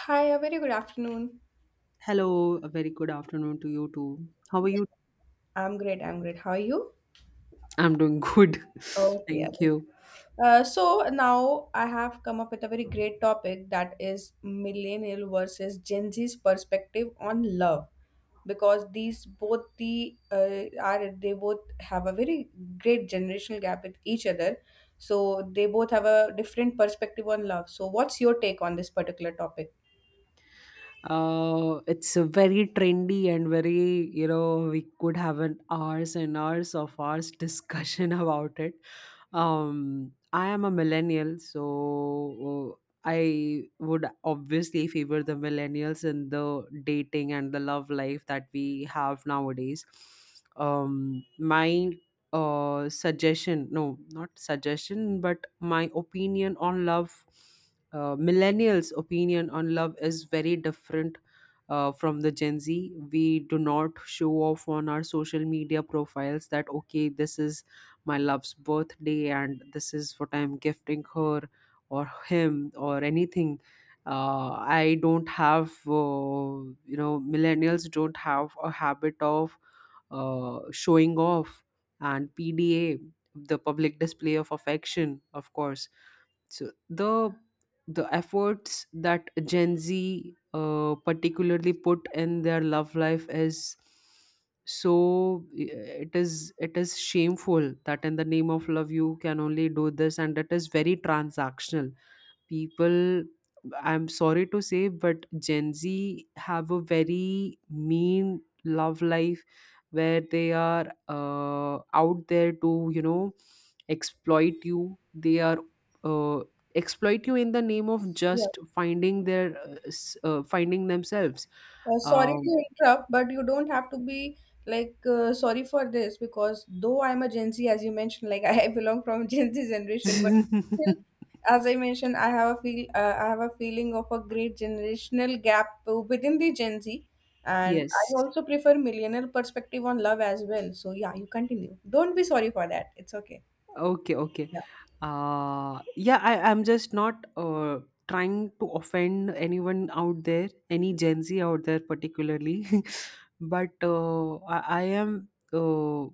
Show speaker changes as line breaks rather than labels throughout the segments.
Hi, a very good afternoon.
Hello, a very good afternoon to you too. How are
Yeah.
you?
I'm great. I'm great. How are you?
I'm doing good.
Okay, yeah.
Thank you.
So now I have come up with a very great topic, that is millennial versus Gen Z's perspective on love, because these both the are they both have a very great generational gap with each other. So they both have a different perspective on love. So what's your take on this particular topic?
It's a very trendy and very we could have an hours and hours of hours discussion about it. I am a millennial, so uh, I would obviously favor the millennials in the dating and the love life that we have nowadays. My suggestion, no, not suggestion, but my opinion on love, millennials opinion on love is very different from the Gen Z. We do not show off on our social media profiles that okay, this is my love's birthday and this is what I'm gifting her or him or anything. uh, I don't have you know, millennials don't have a habit of showing off and PDA, the public display of affection, of course. So the efforts that Gen Z particularly put in their love life is, so it is, it is shameful that in the name of love you can only do this, and it is very transactional. People, I'm sorry to say, but Gen Z have a very mean love life where they are out there to, you know, exploit you. They are, uh, exploit you in the name of just finding their finding themselves.
Sorry to
um,
interrupt, but you don't have to be like sorry for this, because though I'm a Gen Z, as you mentioned, like I belong from Gen Z generation, but still, as I mentioned, I have a feeling of a great generational gap within the Gen Z, and I
yes.
also prefer millennial perspective on love as well. So yeah, you continue. Don't be sorry for that. It's okay.
Okay, okay. Yeah, I'm just not trying to offend anyone out there, any Gen Z out there particularly, but I am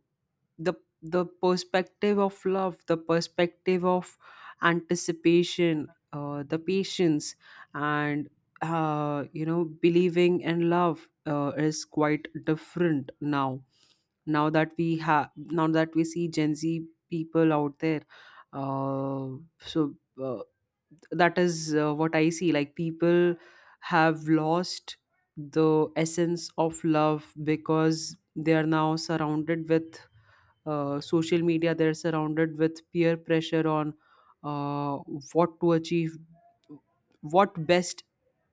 the the perspective of love, the perspective of anticipation, the patience, and you know, believing in love is quite different now, now that we have now that we see Gen Z people out there. uh, so uh, that is what I see, like people have lost the essence of love because they are now surrounded with social media, they're surrounded with peer pressure on uh, what to achieve, what best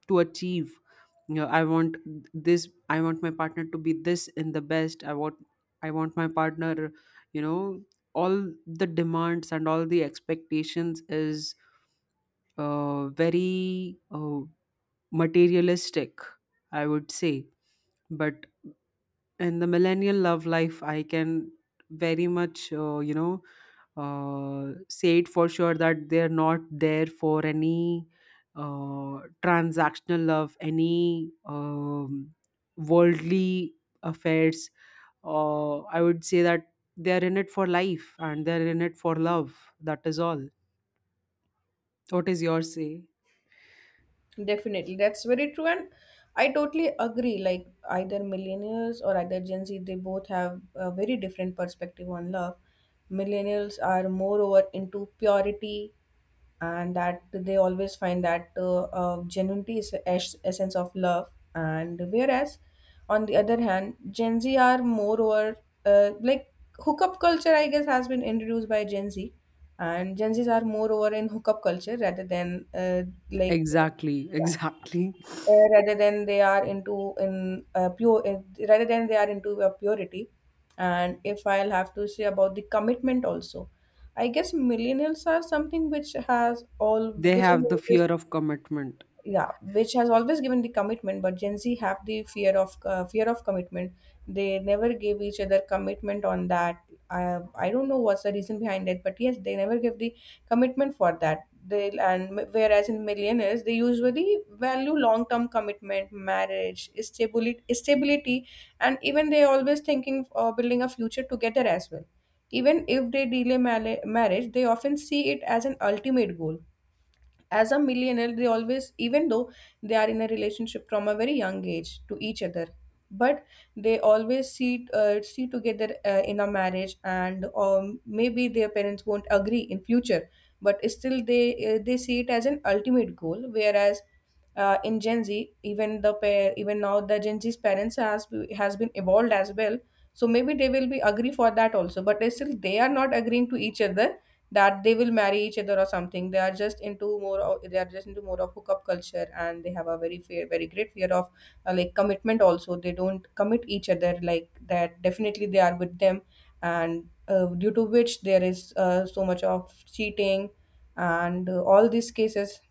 to achieve. You know, I want this, I want my partner to be this in the best, I want my partner, you know, all the demands and all the expectations is very materialistic, I would say. But in the millennial love life, I can very much, you know, say it for sure that they're not there for any transactional love, any worldly affairs. I would say that they're in it for life and they're in it for love. That is all. What is your say?
Definitely, that's very true, and I totally agree. Like either millennials or either Gen Z, they both have a very different perspective on love. Millennials are moreover into purity, and that they always find that genuinity is the essence of love. And whereas, on the other hand, Gen Z are moreover like hookup culture, I guess, has been introduced by Gen Z, and Gen Zs are moreover in hookup culture rather than like
Exactly. Exactly.
rather than they are into in pure rather than they are into purity. And if I'll have to say about the commitment also, I guess millennials are something which has all
They
which
have the
is
fear of commitment.
yeah, which has always given the commitment, but Gen Z have the fear of commitment. They never gave each other commitment on that. I don't know what's the reason behind it, but yes, they never give the commitment for that. They, and whereas in millionaires, they usually value long term commitment, marriage, stability, and even they always thinking of building a future together as well. Even if they delay marriage, they often see it as an ultimate goal. As a millennial, they always, even though they are in a relationship from a very young age to each other, but they always see together in a marriage, and maybe their parents won't agree in future, but still they see it as an ultimate goal. Whereas in Gen Z, even the pair, even now the Gen Z's parents has been evolved as well, so maybe they will be agree for that also, but still they are not agreeing to each other that they will marry each other or something. They are just into more of, they are just into more of hookup culture, and they have a very fear, very great fear of commitment. Also, they don't commit each other like that. Definitely, they are with them, and due to which there is so much of cheating, and all these cases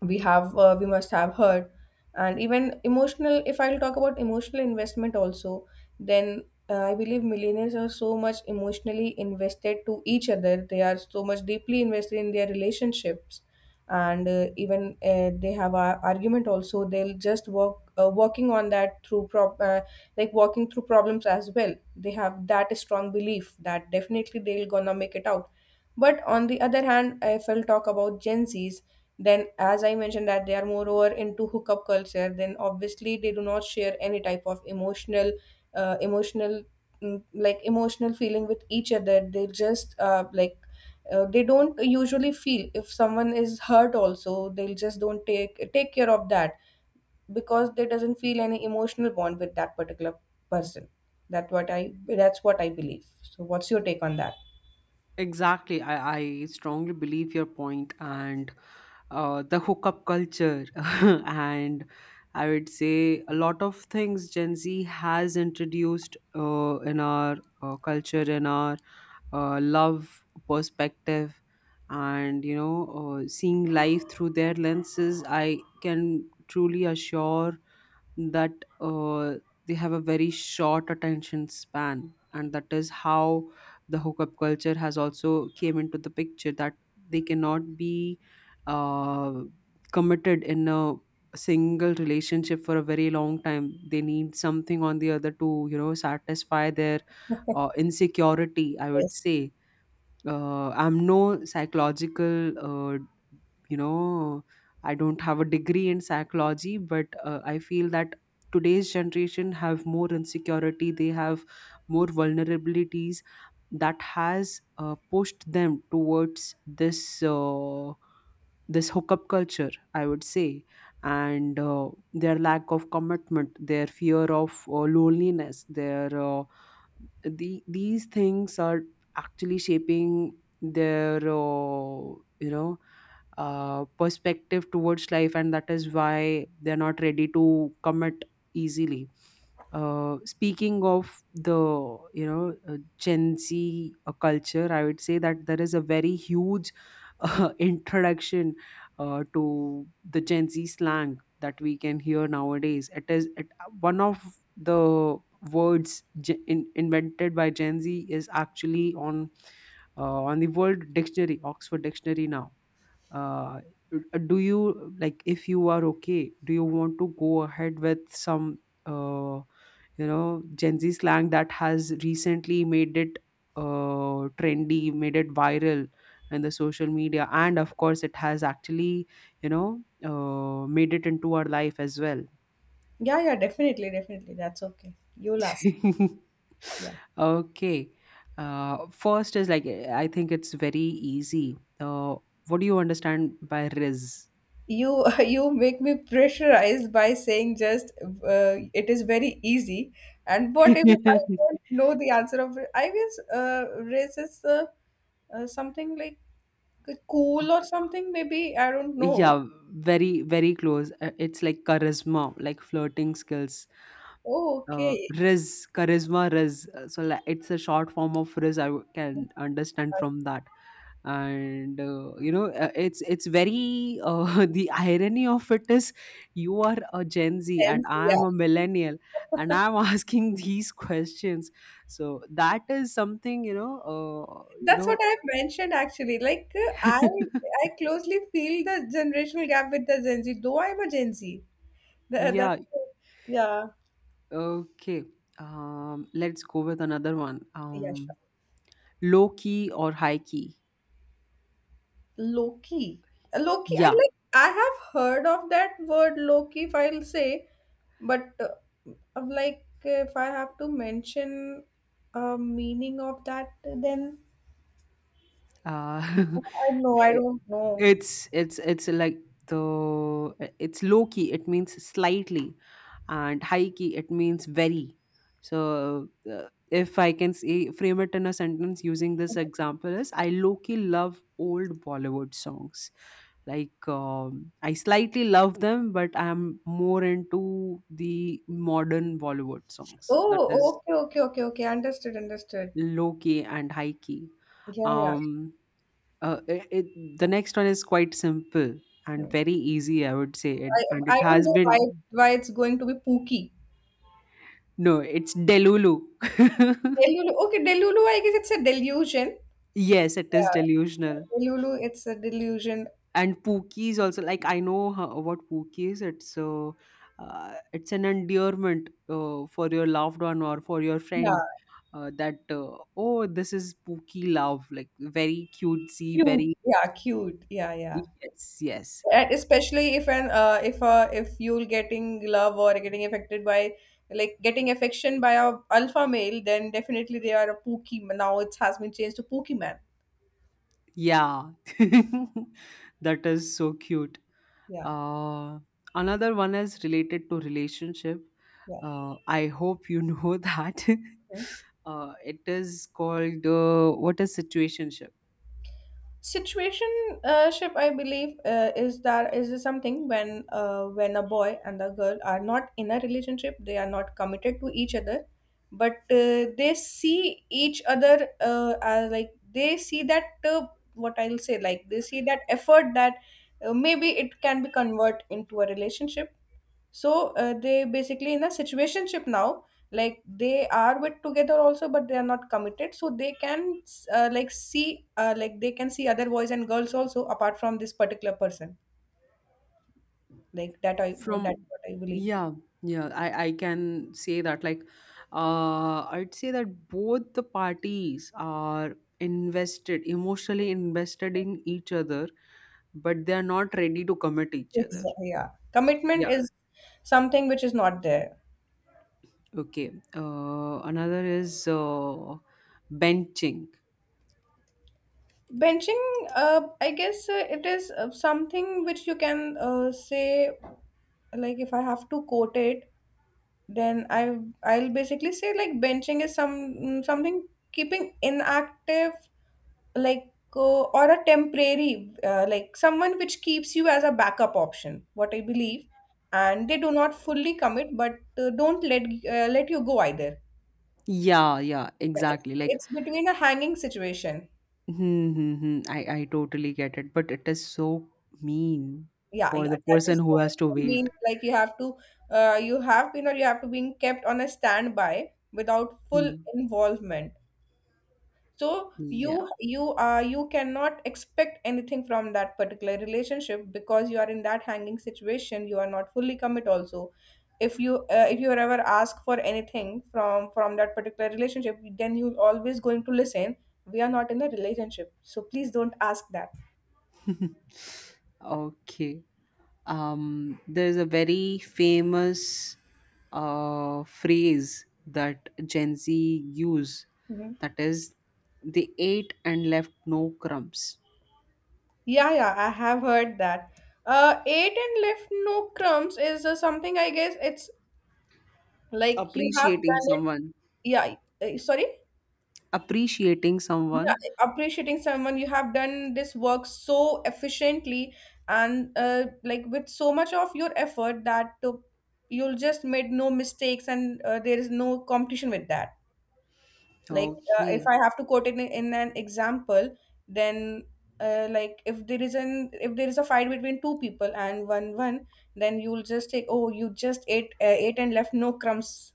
we must have heard. And even emotional, if I'll talk about emotional investment also, then I believe millionaires are so much emotionally invested to each other. They are so much deeply invested in their relationships, and even they have a argument also, they'll just working on that through prop like walking through problems as well. They have that strong belief that definitely they'll gonna make it out. But on the other hand, if I'll talk about Gen Z's, then, as I mentioned, that they are moreover into hookup culture, then obviously they do not share any type of emotional, emotional, mm, like emotional feeling with each other. They just they don't usually feel if someone is hurt. Also, they'll just don't take care of that, because they doesn't feel any emotional bond with that particular person. That's what I believe. So, what's your take on that?
Exactly. I strongly believe your point and the hookup culture. And I would say a lot of things Gen Z has introduced in our culture, in our love perspective. And you know, seeing life through their lenses, I can truly assure that uh, they have a very short attention span, and that is how the hookup culture has also came into the picture, that they cannot be uh, committed in a single relationship for a very long time. They need something on the other to, you know, satisfy their insecurity, I would
Yes.
say. I'm no psychological, you know, I don't have a degree in psychology, but I feel that today's generation have more insecurity, they have more vulnerabilities that has pushed them towards this uh, this hookup culture, I would say. And their lack of commitment, their fear of loneliness, their these things are actually shaping their you know, perspective towards life, and that is why they're not ready to commit easily. Speaking of the, you know, Gen Z culture, I would say that there is a very huge introduction to the Gen Z slang that we can hear nowadays. One of the words invented by Gen Z is actually on, on the world dictionary, Oxford dictionary now. uh, do you like, if you are okay, do you want to go ahead with some uh, you know, Gen Z slang that has recently made it trendy, made it viral in the social media, and of course it has actually, you know, made it into our life as well?
Yeah, yeah, definitely, definitely. That's okay. You last. Yeah.
Okay. First is like, I think it's very easy. What do you understand by riz?
You you make me pressurized by saying just it is very easy. And what if I don't know the answer of it? I guess race is something like cool or something, maybe, I don't know.
Yeah, very, very close. It's like charisma, like flirting skills.
Oh,
Uh,
okay.
riz, charisma, riz. So like, it's a short form of riz, can understand
Uh,
from that. And you know, it's very, the irony of it is, you are a Gen Z and
Sense,
I am
yeah.
a millennial, and I'm asking these questions. So that is something, you know, you
That's
know.
what I mentioned, actually, like I closely feel the generational gap with the Gen Z, though I'm a Gen Z. Tha-
Yeah.
that's yeah.
Okay. Let's go with another one.
Yeah, sure.
Low key or high key?
Loki. Loki, I
Yeah.
like, I have heard of that word Loki, if I'll say, but I'm like, if I have to mention a meaning of that, then
Uh,
I I
I-
don't know.
it's like the it's low key, it means slightly, and high key, it means very. So if I can say, frame it in a sentence using this example is, I low key love old Bollywood songs, like I slightly love them, but I am more into the modern Bollywood songs. That is
Oh, okay, okay, okay, okay. Understood, understood.
low key and high key.
Yeah, yeah.
um the next one is quite simple and
Hmm.
very easy, I would say. And
I
it
I don't
has
know
been,
why it's going to be Pookie.
no, it's Delulu.
Delulu. Okay, Delulu, I guess it's a delusion.
Yes, it is
Yeah.
delusional.
Delulu, it's a delusion.
And Pookie is also like, I know how, what Pookie is. It's an endearment for your loved one or for your
Yeah.
friend. That oh, this is pookie love, like very cutesy,
Cute.
very,
Yeah, cute. Yeah, yeah.
yes, yes.
And especially if an if you're getting love or getting affected by, like, getting affection by a alpha male, then definitely they are a pookie. Now it has been changed to pookie man.
Yeah, that is so cute.
Yeah,
Uh, another one is related to relationship.
yeah.
I hope you know that.
Hmm?
It is called, what is situationship?
Situationship, ship, I believe, is that, is something when a boy and a girl are not in a relationship, they are not committed to each other, but they see each other as, like, they see that what I'll say, like they see that effort that maybe it can be convert into a relationship. So they basically in a situationship now, like they are with together also, but they are not committed. So they can like see like they can see other boys and girls also apart from this particular person. That's
From
what I believe.
Yeah, yeah, I can say that like, I'd say that both the parties are invested, emotionally invested in each other, but they are not ready to commit each other.
Exactly. Yeah. Commitment
Yeah.
is something which is not there.
Okay. Another is benching.
Benching, I guess it is something which you can say, like, if I have to quote it, then I'll basically say, like, benching is something keeping inactive, like or a temporary like someone which keeps you as a backup option. What I believe, and they do not fully commit, but don't let let you go either.
Yeah, yeah,
Yeah, It's,
exactly. Like,
it's between a hanging situation.
hmm, hmm, hmm. I totally get it, but it is so mean
Yeah,
for
yeah,
the
that
person
is
who
what
has to
it
wait.
means. Like you have to you have been or you have to being kept on a standby without full
Hmm.
involvement. So you
Yeah.
you are, you cannot expect anything from that particular relationship, because you are in that hanging situation, you are not fully commit also. If you if you are ever asked for anything from that particular relationship, then you always going to listen, we are not in a relationship, so please don't ask that.
Okay. There's a very famous phrase that Gen Z use,
Mhm.
that is, they ate and left no crumbs.
Yeah, yeah, I have heard that. Ate and left no crumbs is something, I guess it's like you have
Appreciating
done it.
someone.
Yeah, sorry.
Appreciating
Yeah,
someone.
appreciating someone. You have done this work so efficiently, and like with so much of your effort that you'll just made no mistakes, and there is no competition with that. Like if
Okay.
I have to quote it in an example, then like if there is an, if there is a fight between two people and one, then you'll just take, oh, you just ate ate and left no crumbs.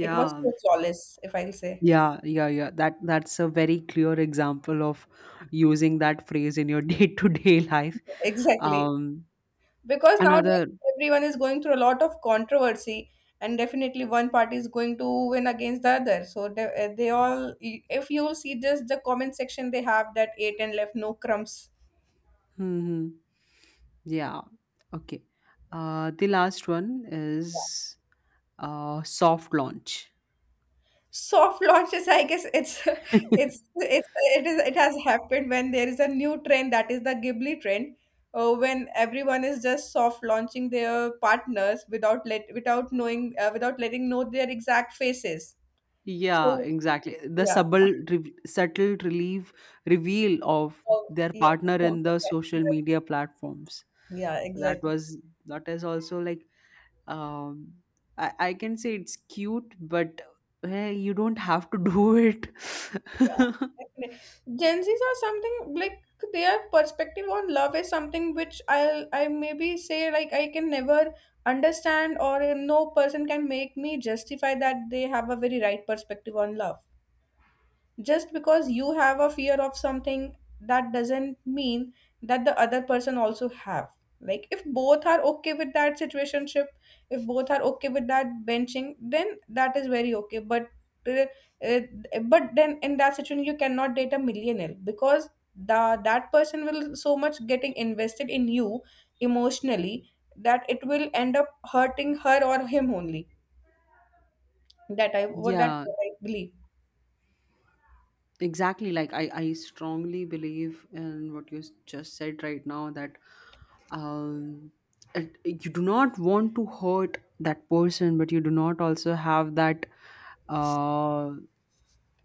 It was so flawless, if I'll say.
Yeah, yeah, yeah. That's a very clear example of using that phrase in your day-to-day life.
Exactly,
Um,
because nowadays
another,
everyone is going through a lot of controversy, and definitely one party is going to win against the other, so they all, if you see just the comment section, they have that eight and left no crumbs.
hmm, yeah, okay. The last one is soft launch.
Soft launches, I guess it's it's it's it is, it has happened when there is a new trend, that is the Ghibli trend, when everyone is just soft launching their partners without let, without knowing, without letting know their exact faces.
Yeah,
So
exactly. The
yeah.
subtle, re- subtle relief reveal of
Oh,
their
yeah.
partner in the social media platforms.
Yeah,
So that
exactly.
was, that is also like, um I can say it's cute, but eh, you don't have to do it.
Yeah. Definitely. Gen Zs are something like their perspective on love is something which I'll, I maybe say, like, I can never understand, or no person can make me justify that they have a very right perspective on love. Just because you have a fear of something, that doesn't mean that the other person also have. Like if both are okay with that situationship, if both are okay with that benching, then that is very okay, uh, uh, but then in that situation you cannot date a millionaire because the that person will so much getting invested in you emotionally, that it will end up hurting her or him only. That I, what that
Yeah,
I believe.
exactly. Like, I strongly believe in what just said right now. That um it, you do not want to hurt that person, but you do not also have that uh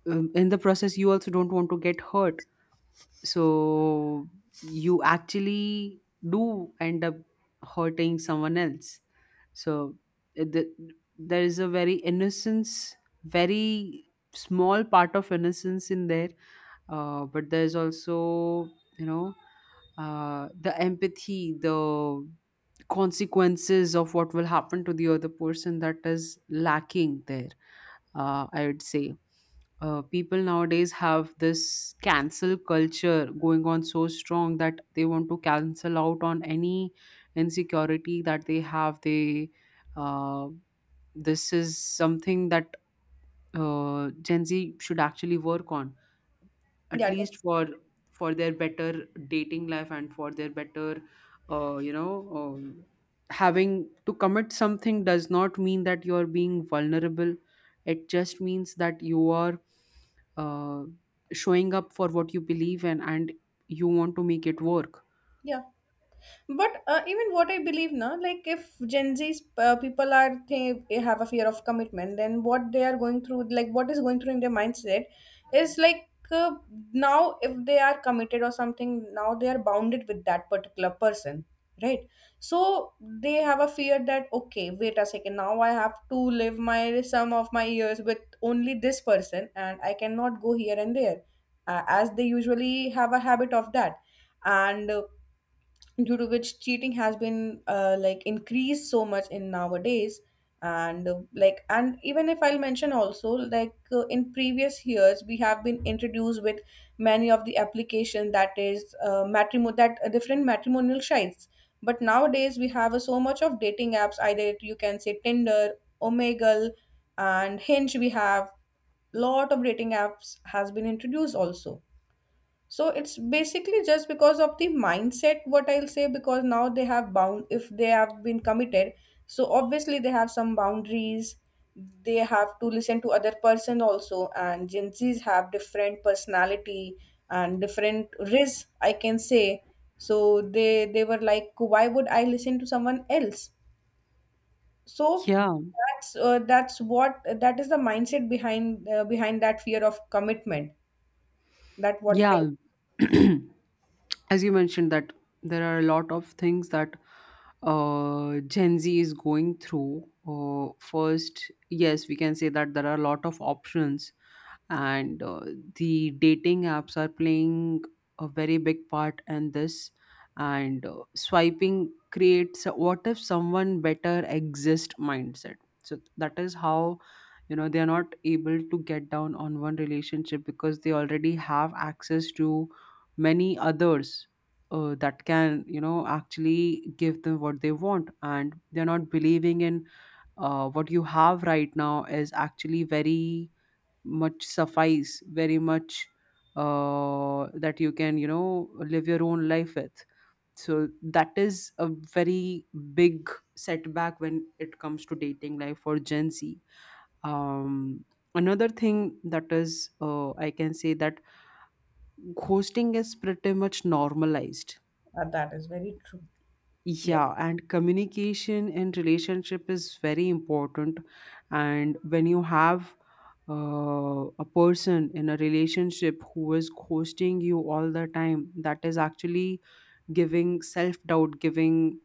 in the process, you also don't want to get hurt. So you actually do end up hurting someone else. So uh, the, there is a very innocence, very small part of innocence in there. But there's also, you know, the empathy, the consequences of what will happen to the other person, that is lacking there, I would say. People nowadays have this cancel culture going on so strong that they want to cancel out on any insecurity that they have. They uh, this is something that Gen Z should actually work on, at
yeah that's-
least for their better dating life and for their better, you know, um, having to commit something does not mean that you are being vulnerable. It just means that you are uh, showing up for what you believe in, and you want to make it work.
yeah, but even what I believe now, like if Gen Z's people are think they have a fear of commitment, then what they are going through, like what is going through in their mindset is like now if they are committed or something, now they are bounded with that particular person, right? So they have a fear that okay, wait a second, now I have to live my some of my years with only this person, and I cannot go here and there, as they usually have a habit of that. And due to which cheating has been like increased so much in nowadays. And like, and even if I'll mention also, like in previous years we have been introduced with many of the application, that is matrimo, that different matrimonial sites. But nowadays we have so much of dating apps. Either you can say Tinder, Omegle, and Hinge we have. Lot of dating apps has been introduced also. So it's basically just because of the mindset, what I'll say, because now they have bound. If they have been committed, so obviously they have some boundaries. They have to listen to other person also, and Gen Z's have different personality and different risk, I can say. So they were like, why would I listen to someone else? So
Yeah,
that's what, that is the mindset behind behind that fear of commitment. That what I
yeah. As you mentioned that there are a lot of things that Gen Z is going through. First, yes, we can say that there are a lot of options, and the dating apps are playing a very big part in this. And swiping creates a what if someone better exist mindset. So that is how, you know, they are not able to get down on one relationship because they already have access to many others, that can, you know, actually give them what they want, and they're not believing in, what you have right now is actually very much suffice, very much, that you can, you know, live your own life with. So that is a very big setback when it comes to dating life for Gen Z. um, Another thing that is, I can say that ghosting is pretty much normalized.
that is very true.
Yeah,
Yes.
and communication in relationship is very important. And when you have a person in a relationship who is ghosting you all the time, that is actually giving self doubt, giving,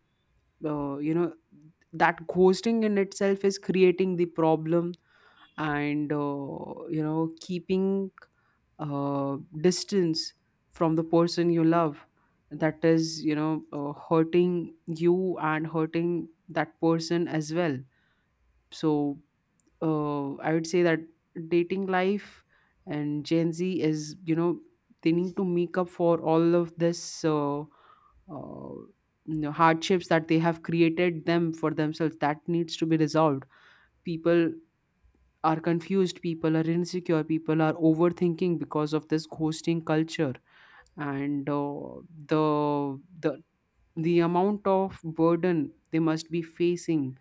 you know, that ghosting in itself is creating the problem, and you know, keeping distance from the person you love, that is, you know, hurting you and hurting that person as well. So I would say that dating life and Gen Z is, you know, they need to make up for all of this uh, you know, hardships that they have created them for themselves. That needs to be resolved. People are confused. People are insecure. People are overthinking because of this ghosting culture, and the the the amount of burden they must be facing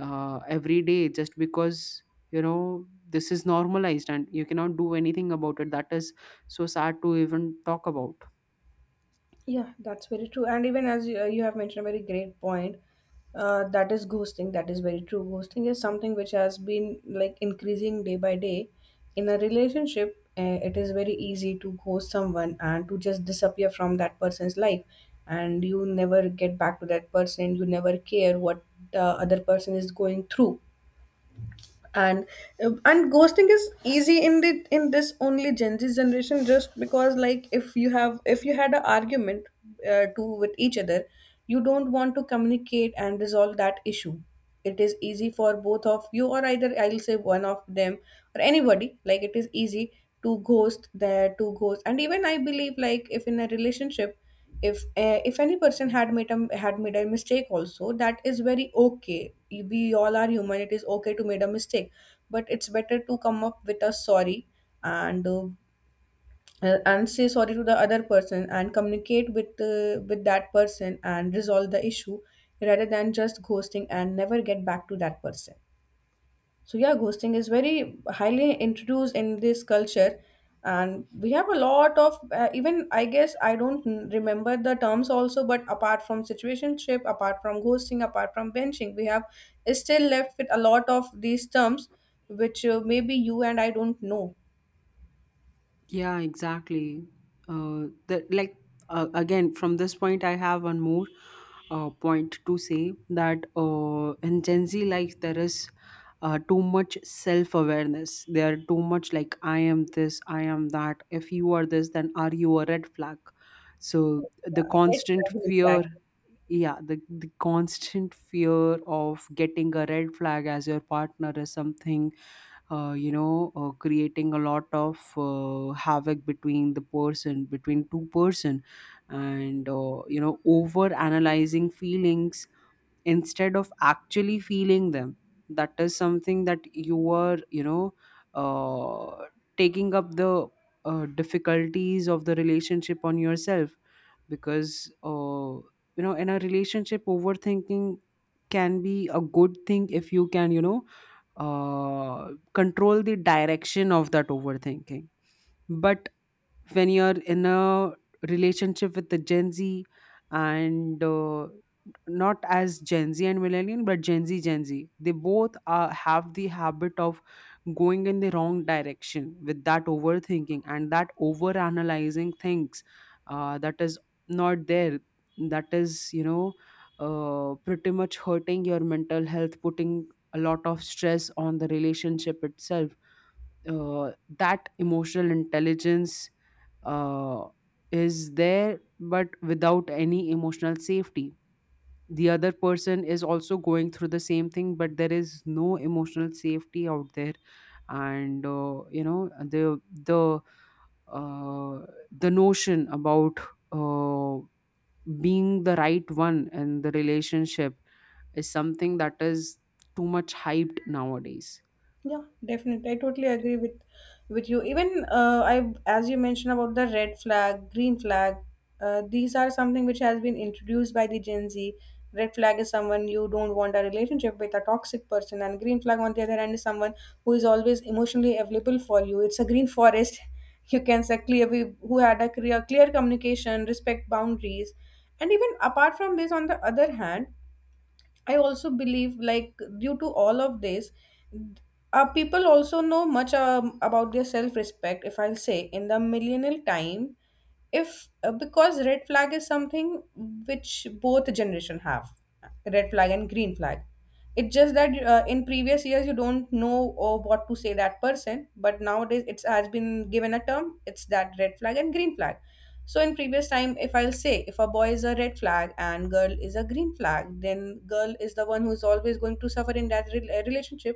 every day just because, you know, this is normalized and you cannot do anything about it. That is so sad to even talk about.
Yeah, that's very true. And even as you, you have mentioned a very great point, that is ghosting. That is very true. Ghosting is something which has been like increasing day by day. In a relationship, it is very easy to ghost someone and to just disappear from that person's life, and you never get back to that person. You never care what the other person is going through. And and ghosting is easy in the in this only Gen Z generation, just because, like if you have, if you had an argument to with each other, you don't want to communicate and resolve that issue. It is easy for both of you, or either I'll say one of them, or anybody, like it is easy to ghost there to ghost. And even I believe, like if in a relationship, if any person had made a mistake also, that is very okay. We all are human, it is okay to made a mistake. But it's better to come up with a sorry, and uh, and say sorry to the other person, and communicate with that person and resolve the issue, rather than just ghosting and never get back to that person. So yeah, ghosting is very highly introduced in this culture, and we have a lot of even I guess I don't remember the terms also, but apart from situationship, apart from ghosting, apart from benching, we have still left with a lot of these terms, which maybe you and I don't know.
Yeah, exactly. That like, again from this point, I have one more point to say that, in Gen Z life there is too much self awareness. They are too much like I am this, I am that. If you are this, then are you a red flag? So the
Yeah, I
constant
get.
fear, yeah, the constant fear of getting a red flag as your partner is something, you know, creating a lot of havoc between the person, between two person, and you know, over analyzing feelings instead of actually feeling them. That is something that you are, you know, uh, taking up the difficulties of the relationship on yourself, because you know, in a relationship overthinking can be a good thing if you can, you know, control the direction of that overthinking. But when you're in a relationship with the Gen Z, and not as Gen Z and millennial, but Gen Z, Gen Z. They both are, have the habit of going in the wrong direction with that overthinking and that overanalyzing things, that is not there. That is, you know, pretty much hurting your mental health, putting a lot of stress on the relationship itself, uh, that emotional intelligence uh, is there, but without any emotional safety. The other person is also going through the same thing, but there is no emotional safety out there, and you know, uh, the notion about uh, being the right one in the relationship is something that is too much hyped nowadays.
Yeah, definitely. I totally agree with you. Even I, as you mentioned about the red flag, green flag, these are something which has been introduced by the Gen Z. Red flag is someone you don't want a relationship with, a toxic person, and green flag on the other hand is someone who is always emotionally available for you. It's a green forest. You can say clear, we who had a clear communication, respect boundaries. And even apart from this, on the other hand, I also believe, like, due to all of this, people also know much about their self respect, if I'll say, in the millennial time, if because red flag is something which both generation have, red flag and green flag. It's just that in previous years you don't know or what to say that person, but nowadays it has been given a term. It's that red flag and green flag. So in previous time, if I'll say if a boy is a red flag and girl is a green flag, then girl is the one who's always going to suffer in that relationship.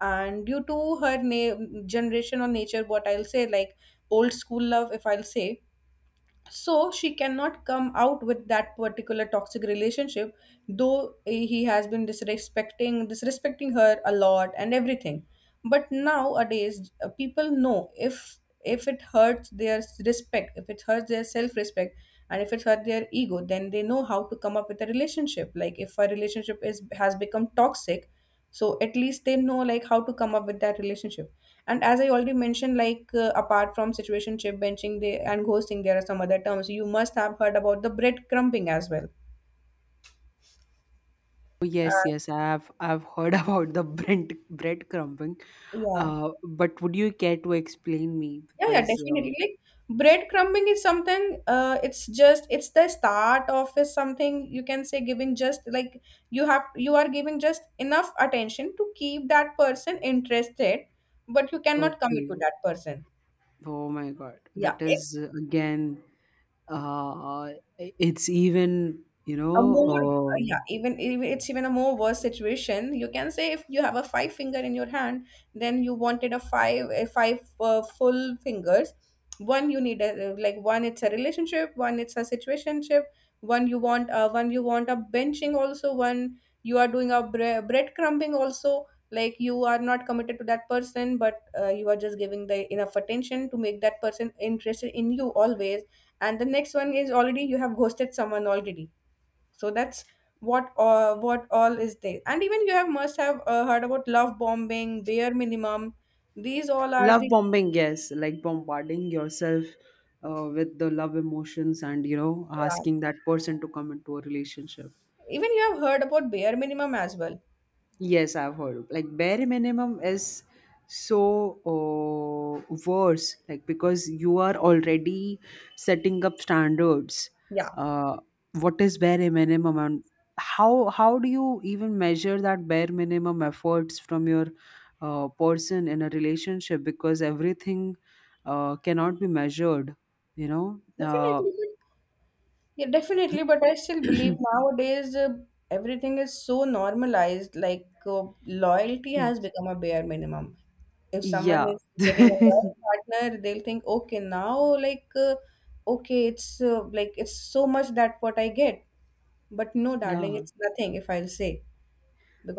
And due to her generation or nature, what I'll say, like old school love, if I'll say, so she cannot come out with that particular toxic relationship, though he has been disrespecting her a lot and everything. But nowadays people know, if it hurts their respect, if it hurts their self respect, and if it hurts their ego, then they know how to come up with a relationship. Like if a relationship is has become toxic, so at least they know like how to come up with that relationship. And as I already mentioned, like apart from situationship, benching, they and ghosting, there are some other terms you must have heard about, the bread crumbing as well.
Oh,
uh,
yes, yes, I've heard about the bread crumbing.
yeah.
But would you care to explain me?
Yeah, yeah,
Because
definitely, like breadcrumbing is something, it's just it's the start of, is something you can say, giving just like, you are giving just enough attention to keep that person interested, but you cannot commit to
okay,
that person.
oh my God, that
Yeah,
is,
it's
again, Uh, it's even, you
a
know,
more
uh,
yeah, even, even, it's even a more worse situation, you can say. If you have a five finger in your hand, then you wanted a five full fingers. One you need a, like one it's a relationship, one it's a situationship, one you want a benching also, one you are doing a bread crumbing also. Like you are not committed to that person, but you are just giving the enough attention to make that person interested in you always. And the next one is already you have ghosted someone already. So that's what all is there. And even you have must have heard about love bombing, bare minimum. These all are
love
the
bombing, yes, like bombarding yourself with the love emotions and, you know,
yeah.
asking that person to come into a relationship.
Even you have heard about bare minimum as well.
Yes, I've heard. Of. Like bare minimum is so worse, like because you are already setting up standards.
yeah
Uh, what is bare minimum, and how do you even measure that bare minimum efforts from your person in a relationship? Because everything cannot be measured, you know.
definitely but, yeah, definitely, but I still believe nowadays everything is so normalized, like loyalty has become a bare minimum. If someone
Yeah,
is getting a loyal partner, they'll think, okay, now like okay it's like it's so much that what I get. But no, darling,
yeah.
it's nothing, if I'll say,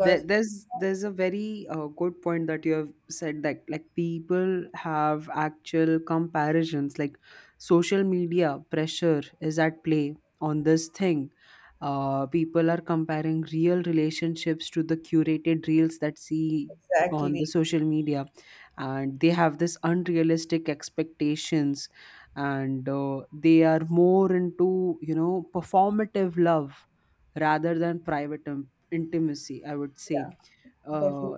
there, there's there's a very good point that you have said, that like people have actual comparisons. Like social media pressure is at play on this thing. People are comparing real relationships to the curated reels that see on the
exactly,
social media, and they have this unrealistic expectations. And they are more into, you know, performative love rather than private intimacy, I would say.
yeah,
uh,
definitely,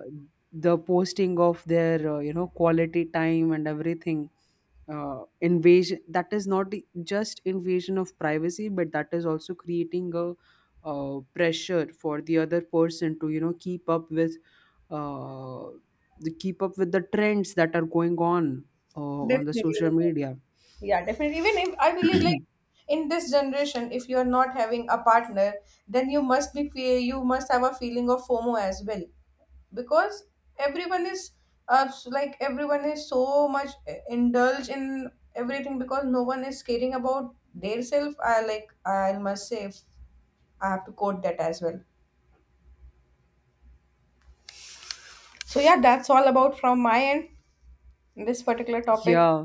the posting of their, you know, quality time and everything, invasion, that is not just invasion of privacy, but that is also creating a pressure for the other person to, you know, keep up with uh, the keep up with the trends that are going on the social
definitely,
media.
yeah, definitely. Even if I believe, like in this generation, if you are not having a partner, then you must be you must have a feeling of FOMO as well, because everyone is like everyone is so much indulged in everything, because no one is caring about their self. I like I must say, if I have to quote that as well. So yeah, that's all about from my end, this particular topic.
Yeah.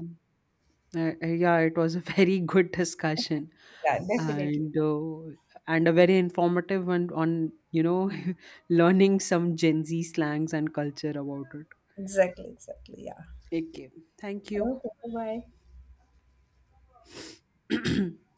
Yeah, it was a very good discussion,
Yeah, definitely.
and uh, and a very informative one on, you know, learning some Gen Z slangs and culture about it.
Exactly, exactly. Yeah.
Okay, thank you.
Okay, bye.